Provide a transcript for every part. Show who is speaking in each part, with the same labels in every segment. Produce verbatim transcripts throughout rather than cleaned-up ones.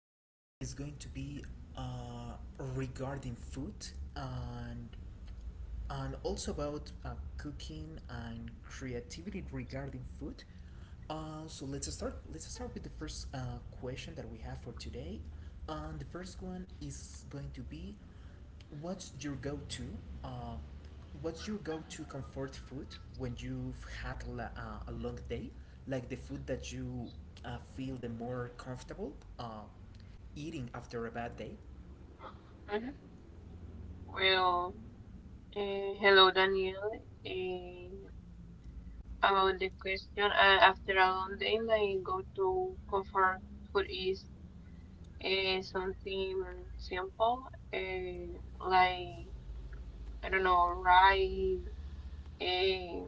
Speaker 1: This one is going to be uh, regarding food and and also about uh, cooking and creativity regarding food. Uh, so let's start. Let's start with the first uh, question that we have for today, and the first one is going to be, what's your go-to? Uh, what's your go-to comfort food when you've had la- uh, a long day? Like the food that you uh, feel the more comfortable uh, eating after a bad day.
Speaker 2: Mhm. Well, eh, hello, Daniel. Eh, about the question, uh, after a long day, my go-to comfort food is eh, something simple, eh, like, I don't know, rice, eh,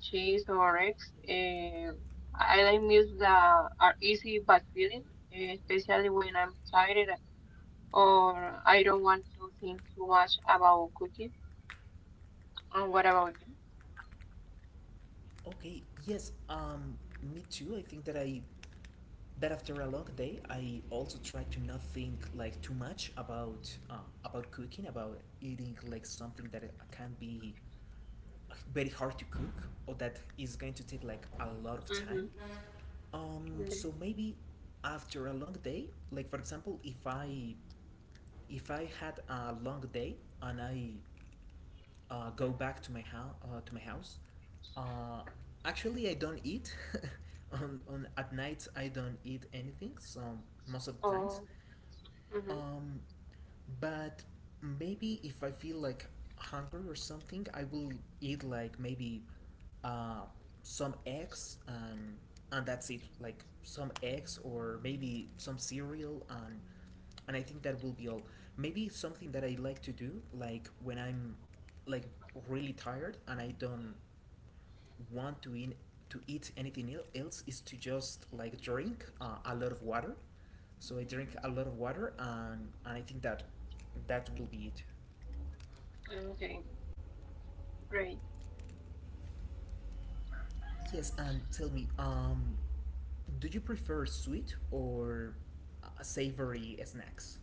Speaker 2: cheese, or eggs. Eh, I like meals that are easy but filling, eh, especially when I'm tired or I don't want to think too much about cooking. And what about you?
Speaker 1: Okay, yes, um, me too. I think that I that after a long day, I also try to not think like too much about uh, about cooking, about eating like something that it can be very hard to cook or that is going to take like a lot of time.
Speaker 2: Mm-hmm.
Speaker 1: Um,
Speaker 2: Mhm.
Speaker 1: so maybe after a long day, like for example, if I if I had a long day and I uh, go back to my house uh, to my house, uh, actually I don't eat. on, on at night I don't eat anything. So most of the times,
Speaker 2: Oh, mhm.
Speaker 1: um, but maybe if I feel like hungry or something, I will eat like maybe uh, some eggs and and that's it. Like some eggs or maybe some cereal and and I think that will be all. Maybe something that I like to do, like when I'm like really tired and I don't want to in, to eat anything else is to just like drink uh, a lot of water. So I drink a lot of water, and and I think that that will be it.
Speaker 2: Okay, great.
Speaker 1: Yes, and tell me, um, do you prefer sweet or uh, savory snacks?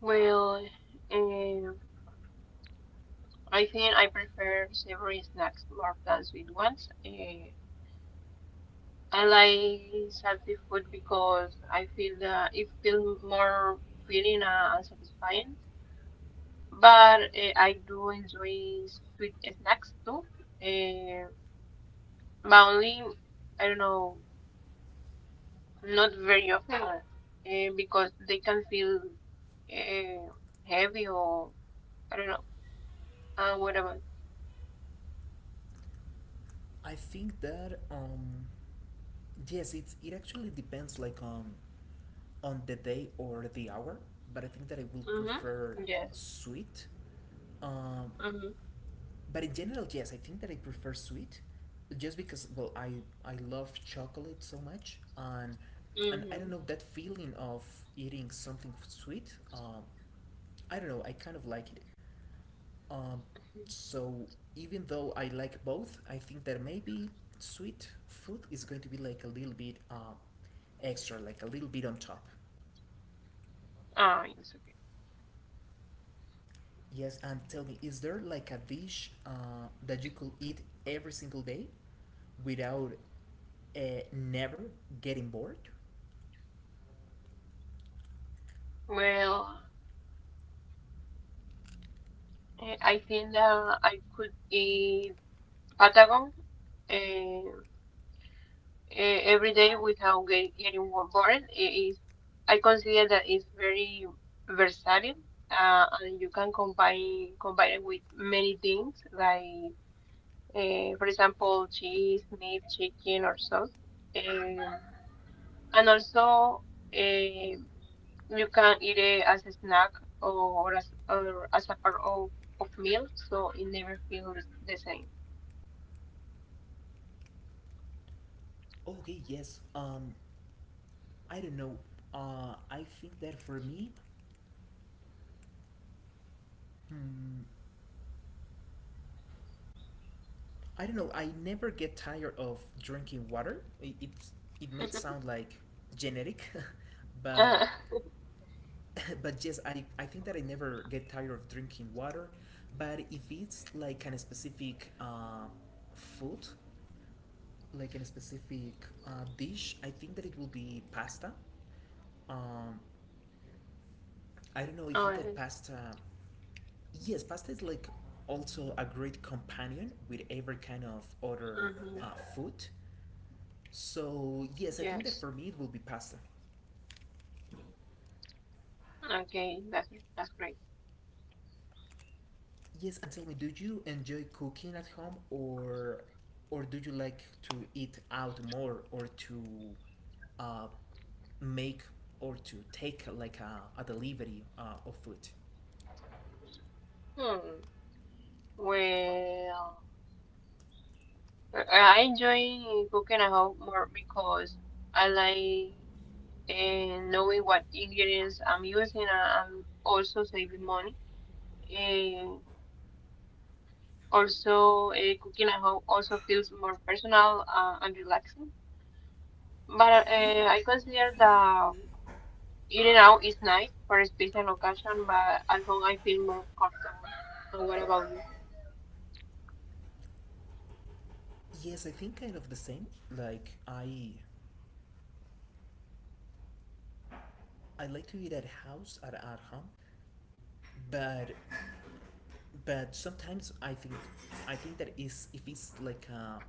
Speaker 2: Well, um, I think I prefer savory snacks more than sweet ones. Uh, I like salty food because I feel that it feels more filling uh, and satisfying. But uh, I do enjoy sweet snacks too. Uh, but only, I don't know, not very often uh, because they can feel uh, heavy or I don't know. Uh, what about?
Speaker 1: I think that um, yes, it's it actually depends like on on the day or the hour, but I think that I will prefer
Speaker 2: Mm-hmm. Yes.
Speaker 1: sweet. um,
Speaker 2: Mm-hmm.
Speaker 1: But in general, yes, I think that I prefer sweet, just because well, I I love chocolate so much, and and I
Speaker 2: Mm-hmm.
Speaker 1: don't know that feeling of eating something f- sweet. Um, I don't know, I kind of like it. Um, so even though I like both, I think that maybe sweet food is going to be like a little bit uh, extra, like a little bit on top.
Speaker 2: Ah, yes. Okay.
Speaker 1: Yes, and tell me, is there like a dish uh, that you could eat every single day without uh, never getting bored.
Speaker 2: Well, eh, I think that I could eat Patagon eh, eh, every day without get, getting wo- bored. It is, I consider that it's very versatile, uh, and you can combine combine it with many things, like eh, for example, cheese, meat, chicken, or sauce. Eh, And also, eh, you can eat it as a snack or as or as a part of of meal, so it never feels the same.
Speaker 1: Okay, yes. Um, I don't know. Uh, I think that for me, hmm, I don't know. I never get tired of drinking water. It it, it may sound like genetic, but
Speaker 2: Uh,
Speaker 1: but yes, I I think that I never get tired of drinking water. But if it's like an specific uh, food, like in a specific uh, dish, I think that it will be pasta. Um, I don't know. I
Speaker 2: oh,
Speaker 1: think that
Speaker 2: yes.
Speaker 1: pasta, yes, pasta is like also a great companion with every kind of other
Speaker 2: Hmm.
Speaker 1: uh, food. So yes, I think that
Speaker 2: Yes.
Speaker 1: for me it will be pasta.
Speaker 2: Okay, that's that's great.
Speaker 1: Yes, and tell me, do you enjoy cooking at home, or or do you like to eat out more, or to uh, make or to take like a, a delivery uh, of food?
Speaker 2: Hmm. Well, I I enjoy cooking at home more because I like uh, knowing what ingredients I'm using and I'm also saving money. Uh, Also, uh, cooking at home also feels more personal uh, and relaxing. But uh, I consider that um, eating out is nice for a special occasion, but at home I feel more comfortable. So what about you?
Speaker 1: Yes, I think kind of the same. Like I I like to eat at house at at home but but sometimes I think I think that is if it's like a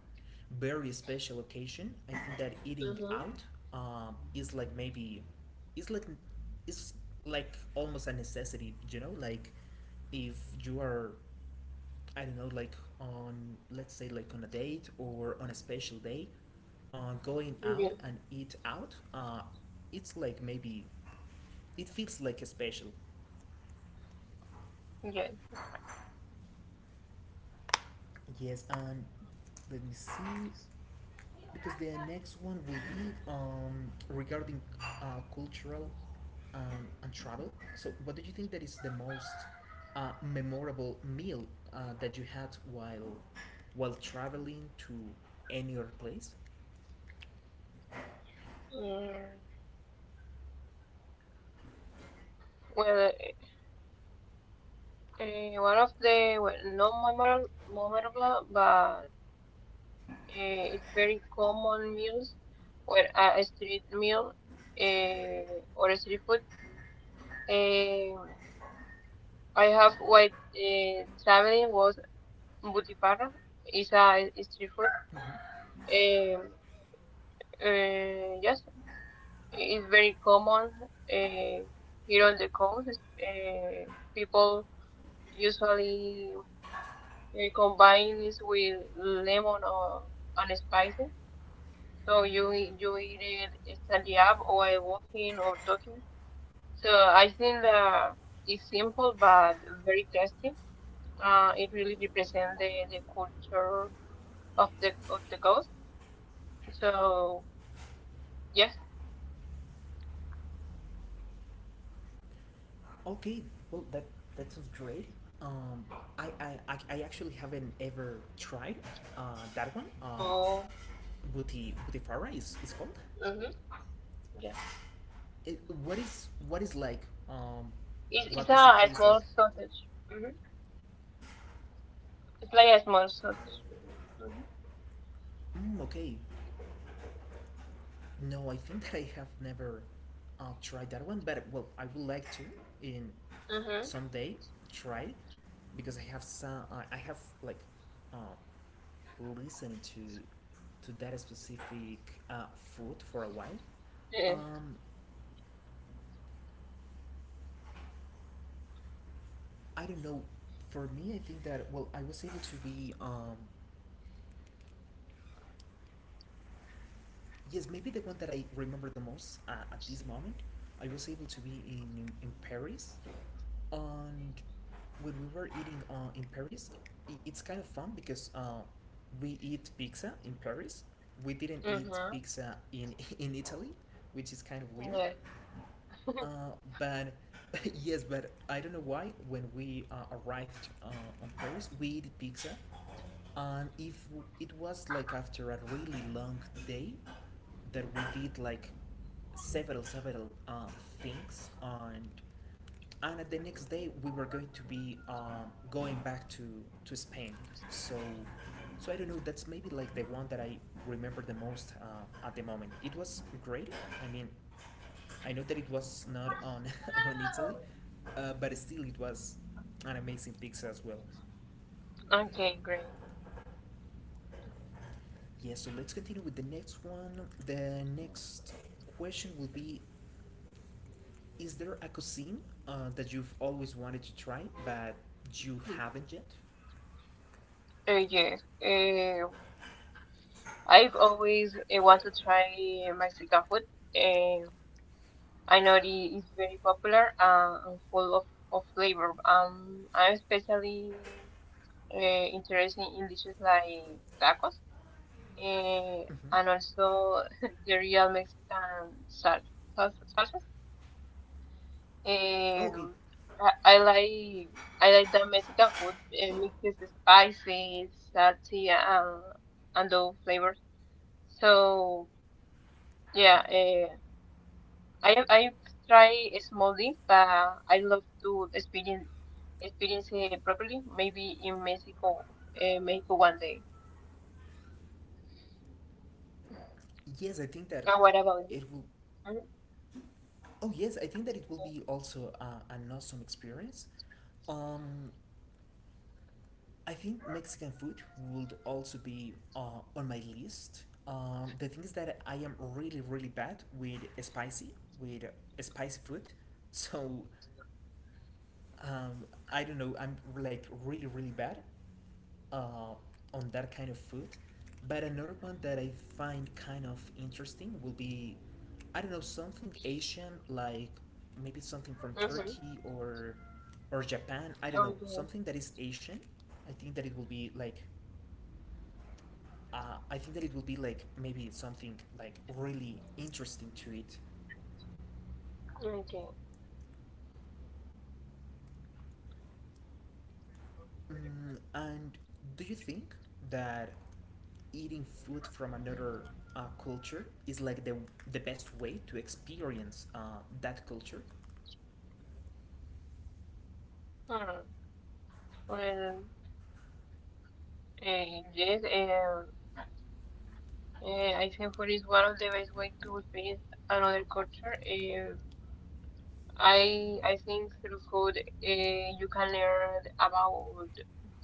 Speaker 1: very special occasion, I think that eating
Speaker 2: Mm-hmm.
Speaker 1: out um, is like maybe it's like it's like almost a necessity, you know, like if you are I don't know like on let's say like on a date or on a special day, uh, going out
Speaker 2: Yeah.
Speaker 1: and eat out, uh, it's like maybe it feels like a special.
Speaker 2: Yeah, that's right.
Speaker 1: Yes, and let me see, because the next one will be um, regarding uh, cultural um, and travel. So, what do you think that is the most uh, memorable meal uh, that you had while while traveling to any other place?
Speaker 2: Yeah. Well, uh, one of the well, not memorable, memorable, but uh, it's very common meals, where uh, a street meal uh, or a street food. Um, I have while uh, traveling was butifarra. It's a street food.
Speaker 1: Mhm.
Speaker 2: Um, uh, yes, it's very common uh, here on the coast. Uh, people usually uh, combine this with lemon or and spicy. So you e- you eat it standing up or while walking or talking. So I think that it's simple but very tasty. Uh, it really represents the, the culture of the of the coast. So yes,
Speaker 1: Okay, well that that sounds great. Um, I, I, I I actually haven't ever tried uh, that one. Uh,
Speaker 2: so
Speaker 1: buti butifara is is called.
Speaker 2: mm-hmm, yes,
Speaker 1: It, what is what is like? Um,
Speaker 2: it's,
Speaker 1: what
Speaker 2: it's a
Speaker 1: does it
Speaker 2: a
Speaker 1: taste like?
Speaker 2: small sausage. Mm-hmm. It's like a small sausage. Mm-hmm.
Speaker 1: Mm, okay, no, I think that I have never uh, tried that one, but well, I would like to in
Speaker 2: Mm-hmm.
Speaker 1: someday try it because I have some I I have like uh, listening to to that specific uh, food for a while.
Speaker 2: Yes.
Speaker 1: Um, I don't know. For me, I think that well, I was able to be um, yes, maybe the one that I remember the most uh, at this moment. I was able to be in in Paris, and when we were eating uh, in Paris, I it's kind of fun because uh, we eat pizza in Paris. We didn't eat
Speaker 2: Mm-hmm.
Speaker 1: pizza in in Italy, which is kind of weird.
Speaker 2: Yes.
Speaker 1: Uh, but yes, but I don't know why. When we uh, arrived uh, on Paris, we ate pizza and if w- it was like after a really long day that we did like several several um, things and and at the next day we were going to be um, going back to to Spain, so so I don't know, that's maybe like the one that I remember the most uh, at the moment. It was great, I mean, I know that it was not on on Italy, uh, but still it was an amazing pizza as well.
Speaker 2: Okay, great.
Speaker 1: Yeah, so let's continue with the next one. The next question will be, is there a cuisine uh, that you've always wanted to try but you haven't yet?
Speaker 2: Uh, yes. Uh, I've always uh, want to try Mexican food. Um, I know it is very popular uh, and full of, of flavor. Um, I'm especially uh, interested in dishes like tacos eh,
Speaker 1: Hmm,
Speaker 2: and also the real Mexican sal salsa, salsas.
Speaker 1: okay.
Speaker 2: Um, I, I like I like the Mexican food. It mixes the spicy, salty, and and those flavors. So yeah, uh, I I try small things, but I love to experience experience it properly. Maybe in Mexico, uh, Mexico one day.
Speaker 1: Yes, I think that
Speaker 2: And what about you?
Speaker 1: it will.
Speaker 2: Mhm.
Speaker 1: Oh, yes, I think that it will be also uh, an awesome experience. Um, I think Mexican food would also be uh, on my list. Um, the thing is that I am really, really bad with spicy, with spicy food. So um, I don't know. I'm like really really bad uh, on that kind of food. But another one that I find kind of interesting will be, I don't know, something Asian like maybe something from
Speaker 2: Mhm.
Speaker 1: Turkey or or Japan. I don't know
Speaker 2: Okay.
Speaker 1: something that is Asian. I think that it will be like, uh, I think that it will be like maybe something like really interesting to eat.
Speaker 2: Okay.
Speaker 1: Mm, and do you think that eating food from another uh, culture is like the the best way to experience uh, that culture?
Speaker 2: Hmm. Well, eh, yes, um, eh, I think food is one of the best way to experience another culture. Eh, I I think through food eh, you can learn about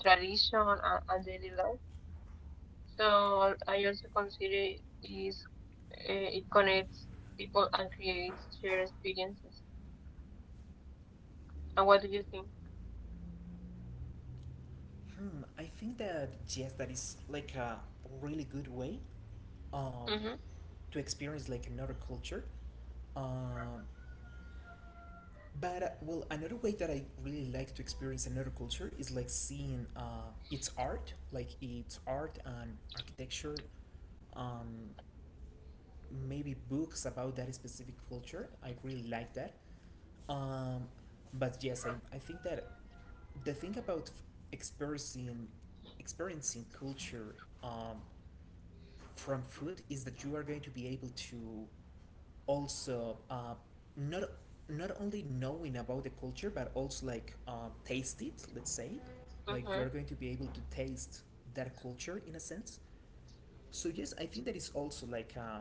Speaker 2: tradition and, and daily life. So I also consider is eh, it connects people and creates shared experiences. And what do you think?
Speaker 1: Hmm, I think that yes, that is like a really good way um,
Speaker 2: Mm-hmm.
Speaker 1: to experience like another culture. Um, but uh, well, another way that I really like to experience another culture is like seeing uh, its art, like its art and architecture, um, maybe books about that specific culture. I really like that. Um, but yes, I, I think that the thing about f- experiencing experiencing culture um, from food is that you are going to be able to also uh, not not only knowing about the culture but also like uh, taste it. Let's say, like you
Speaker 2: Mm-hmm.
Speaker 1: are going to be able to taste that culture in a sense. So yes, I think that is also like. Uh,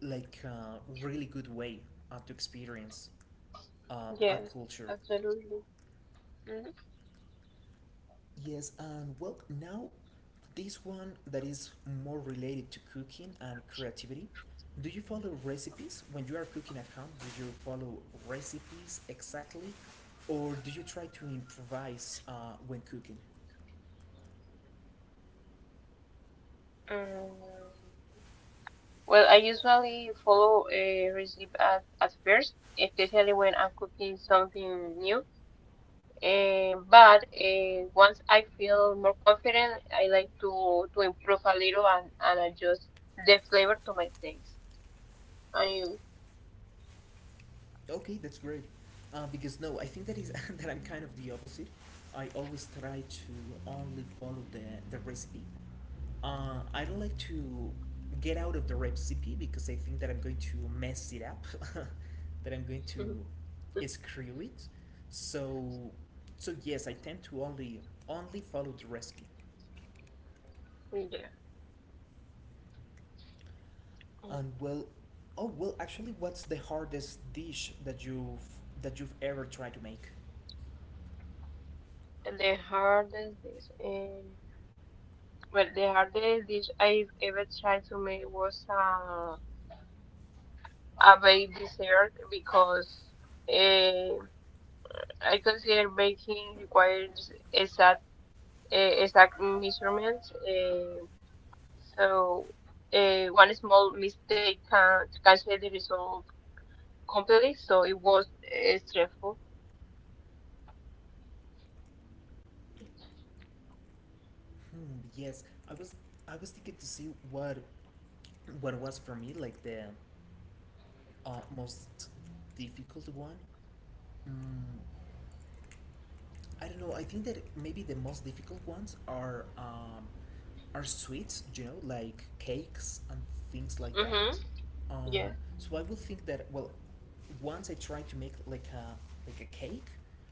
Speaker 1: like a really good way uh, to experience uh, a
Speaker 2: Yes,
Speaker 1: culture.
Speaker 2: absolutely. Mm-hmm.
Speaker 1: Yes, and well, now this one that is more related to cooking and creativity. Do you follow recipes when you are cooking at home? Do you follow recipes exactly, or do you try to improvise uh, when cooking?
Speaker 2: Um, well, I usually follow a recipe at, at first, especially when I'm cooking something new. Eh, but eh, once I feel more confident, I like to, to improve a little and, and adjust the flavor to my taste. And you?
Speaker 1: Okay, that's great. Uh, because no, I think that is that I'm kind of the opposite. I always try to only follow the the recipe. Uh, I don't like to get out of the recipe because I think that I'm going to mess it up, that I'm going to screw it. So, so yes, I tend to only only follow the recipe.
Speaker 2: Mhm. Yeah.
Speaker 1: And well, oh well, actually, what's the hardest dish that you've that you've ever tried to make?
Speaker 2: And the hardest dish. Um, well, the hardest dish I've ever tried to make was a a baked dessert because uh, I consider baking requires exact uh, exact measurements. Uh, so uh, one small mistake can cancel the result completely. So it was uh, stressful.
Speaker 1: Hmm, yes, I was I was thinking to see what what was for me like the uh, most difficult one. Mm, I don't know. I think that maybe the most difficult ones are um, are sweets. You know, like cakes and things like that.
Speaker 2: Mhm. Yeah.
Speaker 1: Um, so I will think that well, once I try to make like a like a cake,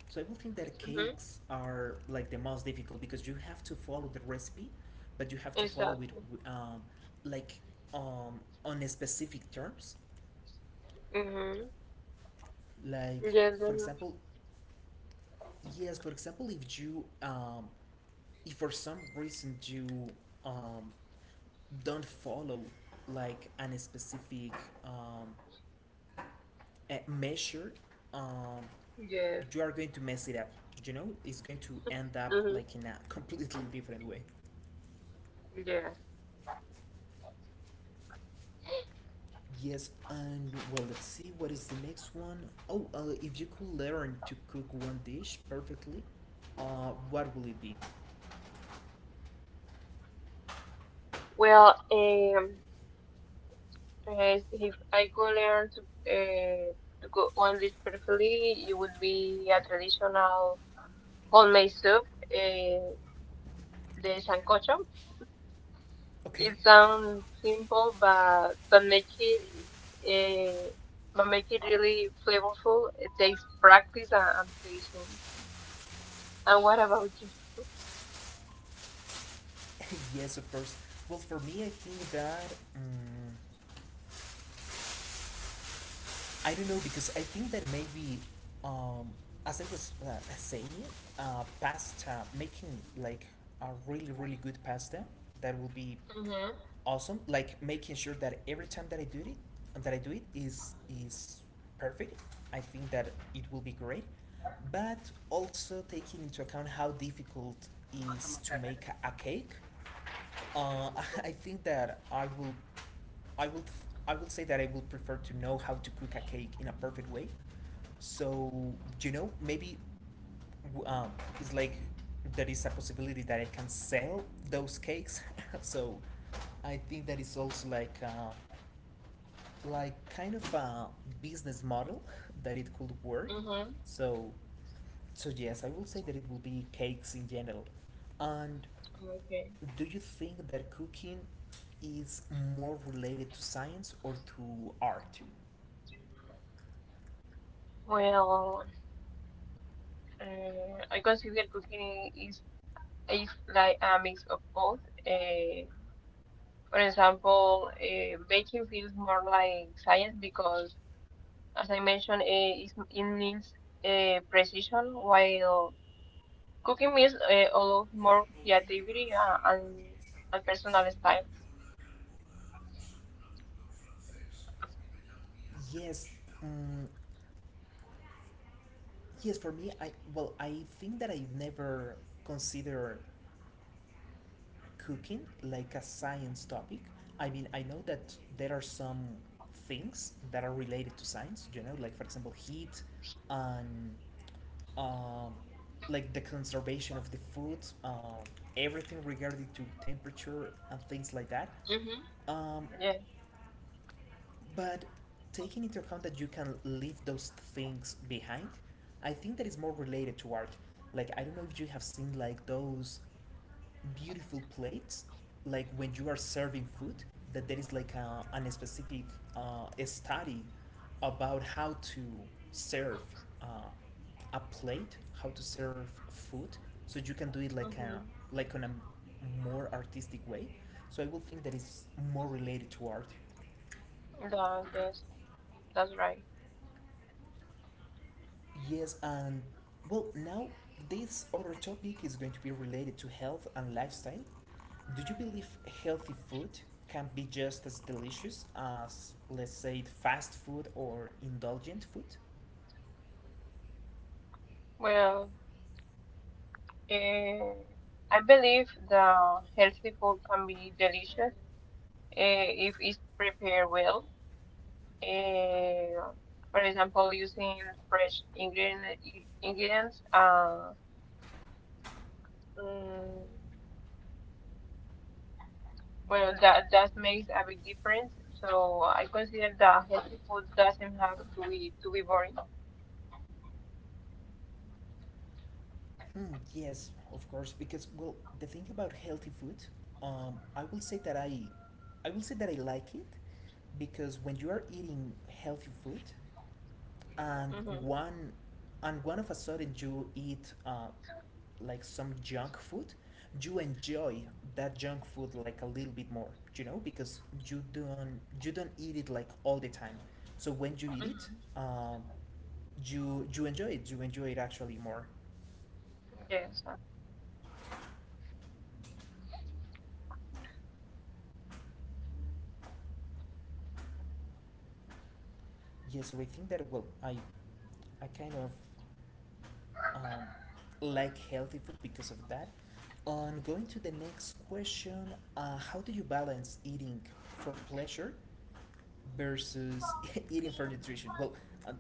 Speaker 1: so I will think that
Speaker 2: Mhm.
Speaker 1: cakes are like the most difficult because you have to follow the recipe, but you have to follow it
Speaker 2: Exactly.
Speaker 1: w- um, like um, on a specific terms.
Speaker 2: Mhm.
Speaker 1: Like
Speaker 2: Yes.
Speaker 1: for
Speaker 2: Mhm.
Speaker 1: example, yes, for example, if you um, if for some reason you um, don't follow like an specific um, uh, measure, um,
Speaker 2: Yes.
Speaker 1: you are going to mess it up. You know, it's going to end up
Speaker 2: Mhm.
Speaker 1: like in a completely different way.
Speaker 2: Yes.
Speaker 1: Yes, and well, let's see what is the next one. Oh, uh, if you could learn to cook one dish perfectly, uh, what will it be?
Speaker 2: Well, um, uh, if I could learn to uh, to cook one dish perfectly, it would be a traditional homemade soup. Uh, the sancocho.
Speaker 1: Okay.
Speaker 2: It sounds simple, but but make it uh, but make it really flavorful. It takes practice and, and patience. And what about you?
Speaker 1: yes, of course. Well, for me, I think that. mm I don't know because I think that maybe, um, as I was uh, saying, uh, pasta making, like a really really good pasta, that will be
Speaker 2: Mhm.
Speaker 1: awesome. Like making sure that every time that I do it, that I do it, is is perfect. I think that it will be great, but also taking into account how difficult is to make a a cake. uh, I think that I will, I will, I will say that I will prefer to know how to cook a cake in a perfect way. So you know, maybe w- um, it's like there is a possibility that I can sell those cakes. so I think that it's also like, uh, like, kind of a business model that it could work.
Speaker 2: Mhm.
Speaker 1: So, so yes, I will say that it will be cakes in general. And
Speaker 2: Okay.
Speaker 1: do you think that cooking is more related to science or to art?
Speaker 2: Well, uh, I consider cooking is is like a mix of both. Uh, for example, uh, baking feels more like science because, as I mentioned, uh, it's, it needs uh, precision, while cooking means uh, allows more creativity uh, and, and personal style.
Speaker 1: Yes, mm, yes. For me, I well, I think that I never consider cooking like a science topic. I mean, I know that there are some things that are related to science. You know, like, for example, heat and um, like, the conservation of the food, um, everything regarding to temperature and things like that. Um,
Speaker 2: Yes,
Speaker 1: but taking into account that you can leave those things behind, I think that is more related to art. Like, I don't know if you have seen like those beautiful plates, like when you are serving food, that there is like a, an specific uh, study about how to serve uh, a plate, how to serve food, so you can do it like a
Speaker 2: mm-hmm.
Speaker 1: like on a more artistic way. So I will think that it's more related to art.
Speaker 2: That, yes, that's right.
Speaker 1: Yes, and well, now this other topic is going to be related to health and lifestyle. Do you believe healthy food can be just as delicious as, let's say, fast food or indulgent food?
Speaker 2: Well, uh, I believe the healthy food can be delicious uh, if it's prepared well. Uh, for example, using fresh ingredient, ingredients. Uh, mm, well, that that makes a big difference. So I consider that healthy food doesn't have to be to be boring.
Speaker 1: Hmm, yes, of course, because, well, the thing about healthy food, um, I will say that I, I will say that I like it, because when you are eating healthy food, and
Speaker 2: Mhm.
Speaker 1: one and one of a sudden you eat uh, like, some junk food, you enjoy that junk food like a little bit more, you know because you don't you don't eat it like all the time. So when you eat it,
Speaker 2: Mhm.
Speaker 1: um, you you enjoy it, you enjoy it actually more.
Speaker 2: Yes.
Speaker 1: Yeah, so i think that, well, i i kind of um, like healthy food because of that. On going to the next question, uh, how do you balance eating for pleasure versus eating for nutrition. Well, uh,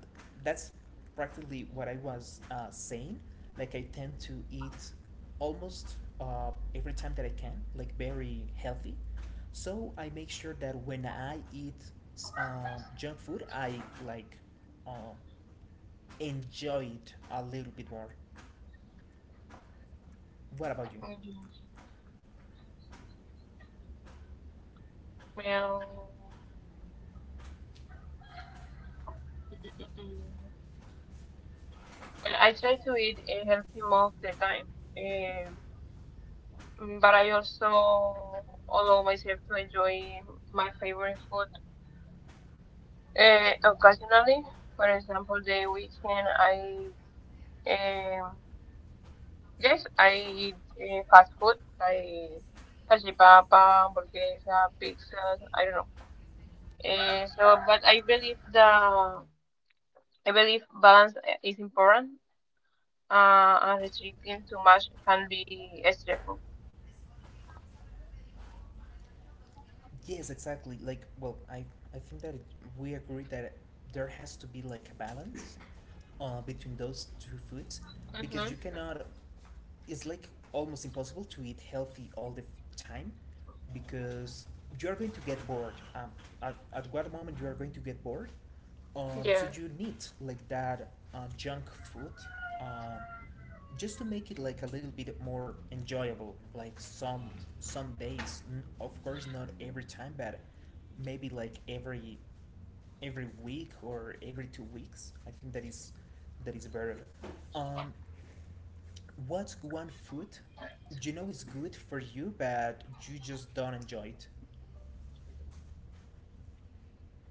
Speaker 1: that's practically what I was uh, saying. Like, I tend to eat almost uh, every time that I can, like, very healthy. So I make sure that when I eat s- um, junk food, I like, uh, enjoy it a little bit more. What about you?
Speaker 2: Mhm. Well, mm, well, I try to eat a healthy most of the time, um, mm, but I also allow myself to enjoy my favorite food uh, occasionally. For example, the weekend I um, yes I eat uh, fast food like salchipapa, hamburguesa, pizzas. I don't know. Uh, so, but I believe the I believe balance is important. Uh, and restricting too much can be stressful.
Speaker 1: Yes, exactly. Like, well, I I think that, it, we agree that there has to be like a balance uh, between those two foods, because
Speaker 2: Mm-hmm.
Speaker 1: you cannot, it's like almost impossible to eat healthy all the f- time, because you're going to get bored, um, at, at what moment you are going to get bored, um, so
Speaker 2: Yeah.
Speaker 1: you need like that uh, junk food um, just to make it like a little bit more enjoyable, like some some days, n- of course not every time, but maybe like every every week or every two weeks. I think that is that is better. Um, what's one food you know is good for you, but you just don't enjoy it?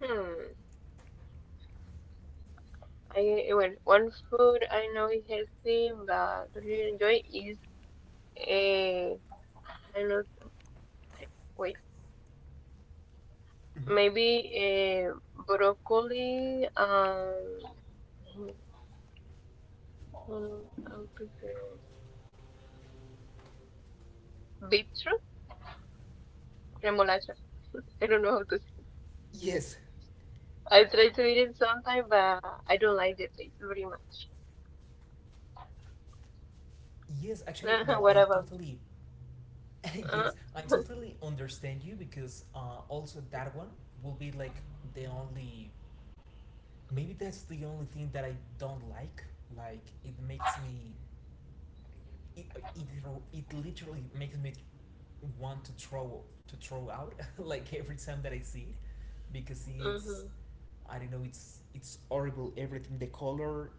Speaker 2: Hmm. I eh, well, one food I know is healthy, but don't really enjoy is a I don't know. Wait,
Speaker 1: Mhm.
Speaker 2: maybe a broccoli. Um, hmm, I prefer beetroot remolacha. I don't know how to say.
Speaker 1: Yes.
Speaker 2: I try to eat it sometime, but I don't like the taste very much.
Speaker 1: Yes, actually, no,
Speaker 2: What
Speaker 1: I
Speaker 2: about?
Speaker 1: totally.
Speaker 2: Uh,
Speaker 1: yes, I totally understand you, because uh, also, that one will be like the only. Maybe that's the only thing that I don't like. Like, it makes me it, it it literally makes me want to throw to throw out. Like, every time that I see it, because it's,
Speaker 2: mm-hmm.
Speaker 1: I don't know, it's it's horrible, everything, the color,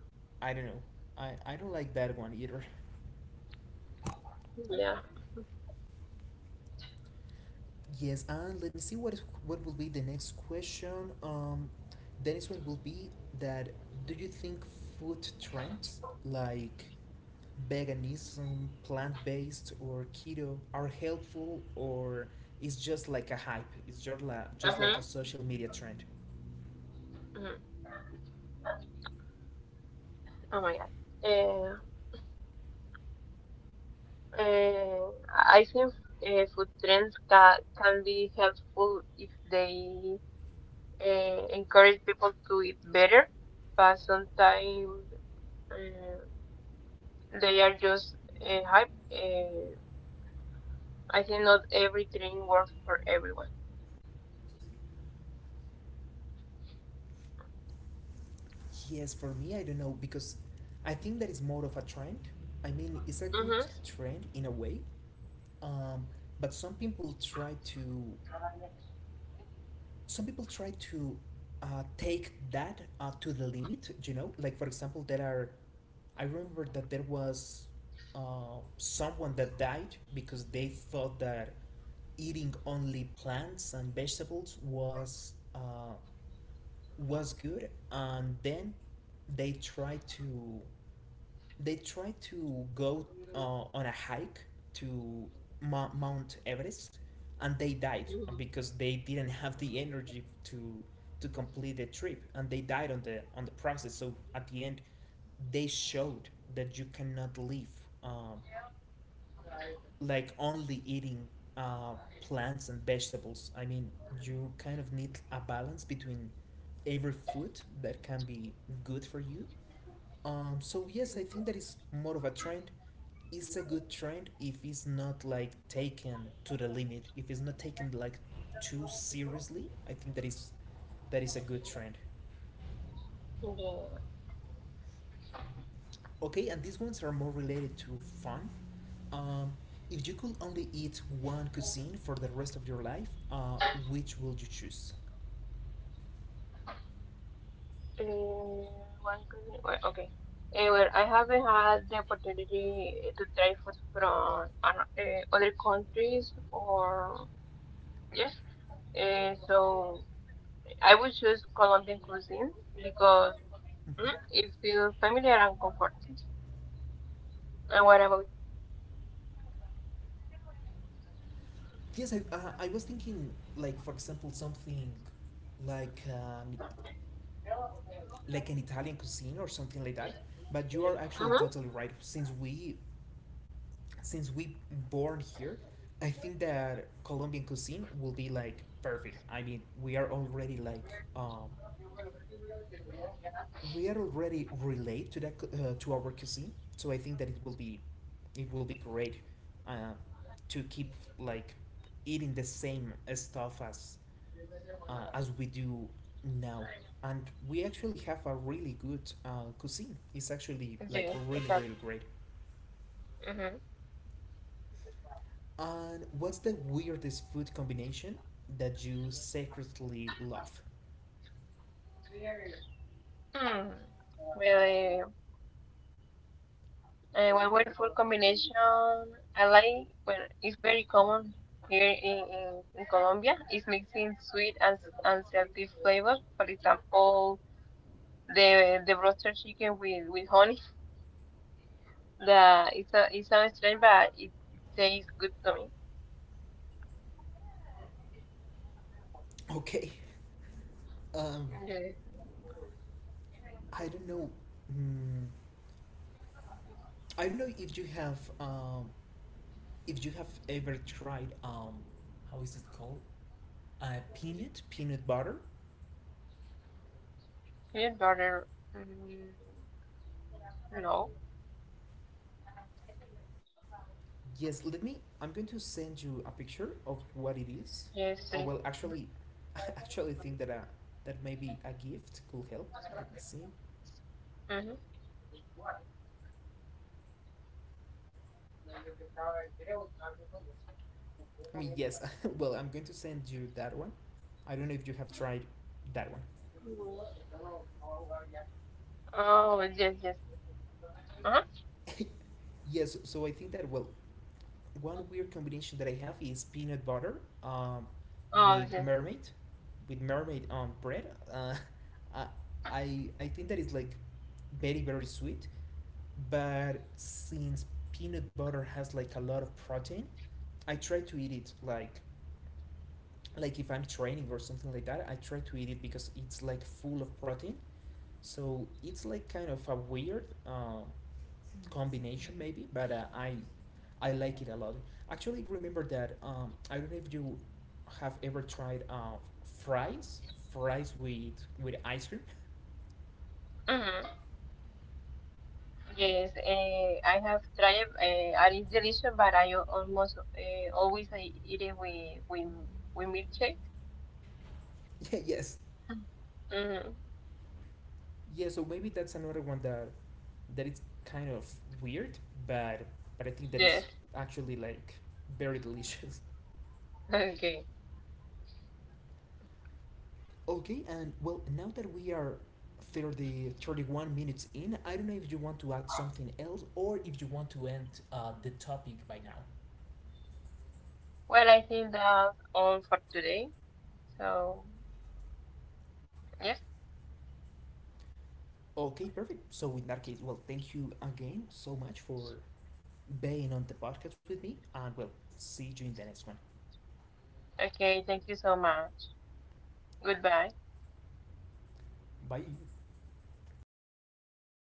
Speaker 1: I don't know, I I don't like that one either.
Speaker 2: Yeah.
Speaker 1: Yes, and let me see what is, what will be the next question. Um, the next one will be that, do you think food trends like veganism, plant based, or keto are helpful, or it's just like a hype? It's just like, just like
Speaker 2: Uh-huh.
Speaker 1: a social media trend?
Speaker 2: Oh my God. Uh, uh, I think uh, food trends ca can be helpful if they uh, encourage people to eat better, but sometimes uh, they are just uh, hype. Uh, I think not every trend works for everyone.
Speaker 1: Yes, for me, I don't know, because I think that it's more of a trend. I mean, it's a good
Speaker 2: Mm-hmm.
Speaker 1: trend in a way, um, but some people try to some people try to uh, take that uh, to the limit. You know like, for example, there are, i remember that there was uh, someone that died because they thought that eating only plants and vegetables was uh, was good, and then they tried to they tried to go uh, on a hike to Ma- Mount Everest, and they died because they didn't have the energy to to complete the trip, and they died on the on the process. So at the end, they showed that you cannot live uh, like, only eating uh, plants and vegetables. I mean, you kind of need a balance between every food that can be good for you, um, so yes, I think that is more of a trend. It's a good trend if it's not like taken to the limit. If it's not taken like too seriously, I think that is that is a good trend.
Speaker 2: Mm-hmm. Yeah.
Speaker 1: Okay, and these ones are more related to fun. Um, if you could only eat one cuisine for the rest of your life, uh, which would you choose?
Speaker 2: Uh, one question. Well, okay. Eh, well, I haven't had the opportunity to try food from ano- eh, other countries or yes, uh, so I would choose Colombian cuisine because
Speaker 1: Mhm.
Speaker 2: mm, it feels familiar and comforting. And what about?
Speaker 1: Yes, I, uh, I was thinking, like, for example, something like, um, like an Italian cuisine or something like that. But you are actually
Speaker 2: Mm-hmm.
Speaker 1: totally right. Since we since we born here, I think that Colombian cuisine will be like perfect. I mean, we are already like um, we are already relate to that cu- uh, to our cuisine. So I think that it will be it will be great, uh, to keep like eating the same stuff as uh, as we do now. And we actually have a really good uh, cuisine. It's actually like
Speaker 2: Yes,
Speaker 1: really, really
Speaker 2: exactly.
Speaker 1: great.
Speaker 2: Mm-hmm.
Speaker 1: And what's the weirdest food combination that you secretly love?
Speaker 2: Mm. Well, uh, one wonderful combination. I like. Well, it's very common here in, in, in Colombia, is mixing sweet and and salty flavors. For example, the the roasted chicken with with honey. The It's a, it sounds strange, but it tastes good to
Speaker 1: Okay, um,
Speaker 2: me.
Speaker 1: I don't know. Mm, I don't know if you have um, if you have ever tried, um, how is it called? Uh, peanut peanut butter.
Speaker 2: His brother, mm, no,
Speaker 1: Yes, let me. I'm going to send you a picture of what it is,
Speaker 2: yes,
Speaker 1: or,
Speaker 2: please.
Speaker 1: well, actually, actually, think that a, that maybe a gift could help. Let me see.
Speaker 2: Mm-hmm.
Speaker 1: I mean, yes. well, I'm going to send you that one. I don't know if you have tried that one.
Speaker 2: Oh, yes, yes. Uh-huh.
Speaker 1: yes. So I think that, well, one weird combination that I have is peanut butter, um,
Speaker 2: Oh,
Speaker 1: with
Speaker 2: yes.
Speaker 1: mermaid, with mermaid um bread. Uh, I I I think that is like very very sweet, but since peanut butter has like a lot of protein, i try to eat it, like like if i'm training or something like that. I try to eat it because it's like full of protein. So it's like kind of a weird uh, combination maybe, but uh, i i like it a lot. Actually, remember that, um, i don't know if you have ever tried uh, fries fries with with ice cream.
Speaker 2: Mm-hmm. Yes, Eh, I have tried. Uh, I eat delicious, but I al- almost uh, always I eat it with with with milkshake.
Speaker 1: Yeah. yes
Speaker 2: Mm-hmm.
Speaker 1: Yeah, so maybe that's another one that that is kind of weird, but but I think that
Speaker 2: Yes.
Speaker 1: is actually like very delicious.
Speaker 2: Okay.
Speaker 1: Okay, and well, now that we are thirty, thirty-one minutes in, I don't know if you want to add something else or if you want to end uh, the topic by now.
Speaker 2: Well, I think that's all for today. So, yes.
Speaker 1: Okay, perfect. So in that case, well, thank you again so much for being on the podcast with me, and, well, see you in the next one.
Speaker 2: Okay. Thank you so much. Goodbye.
Speaker 1: Bye.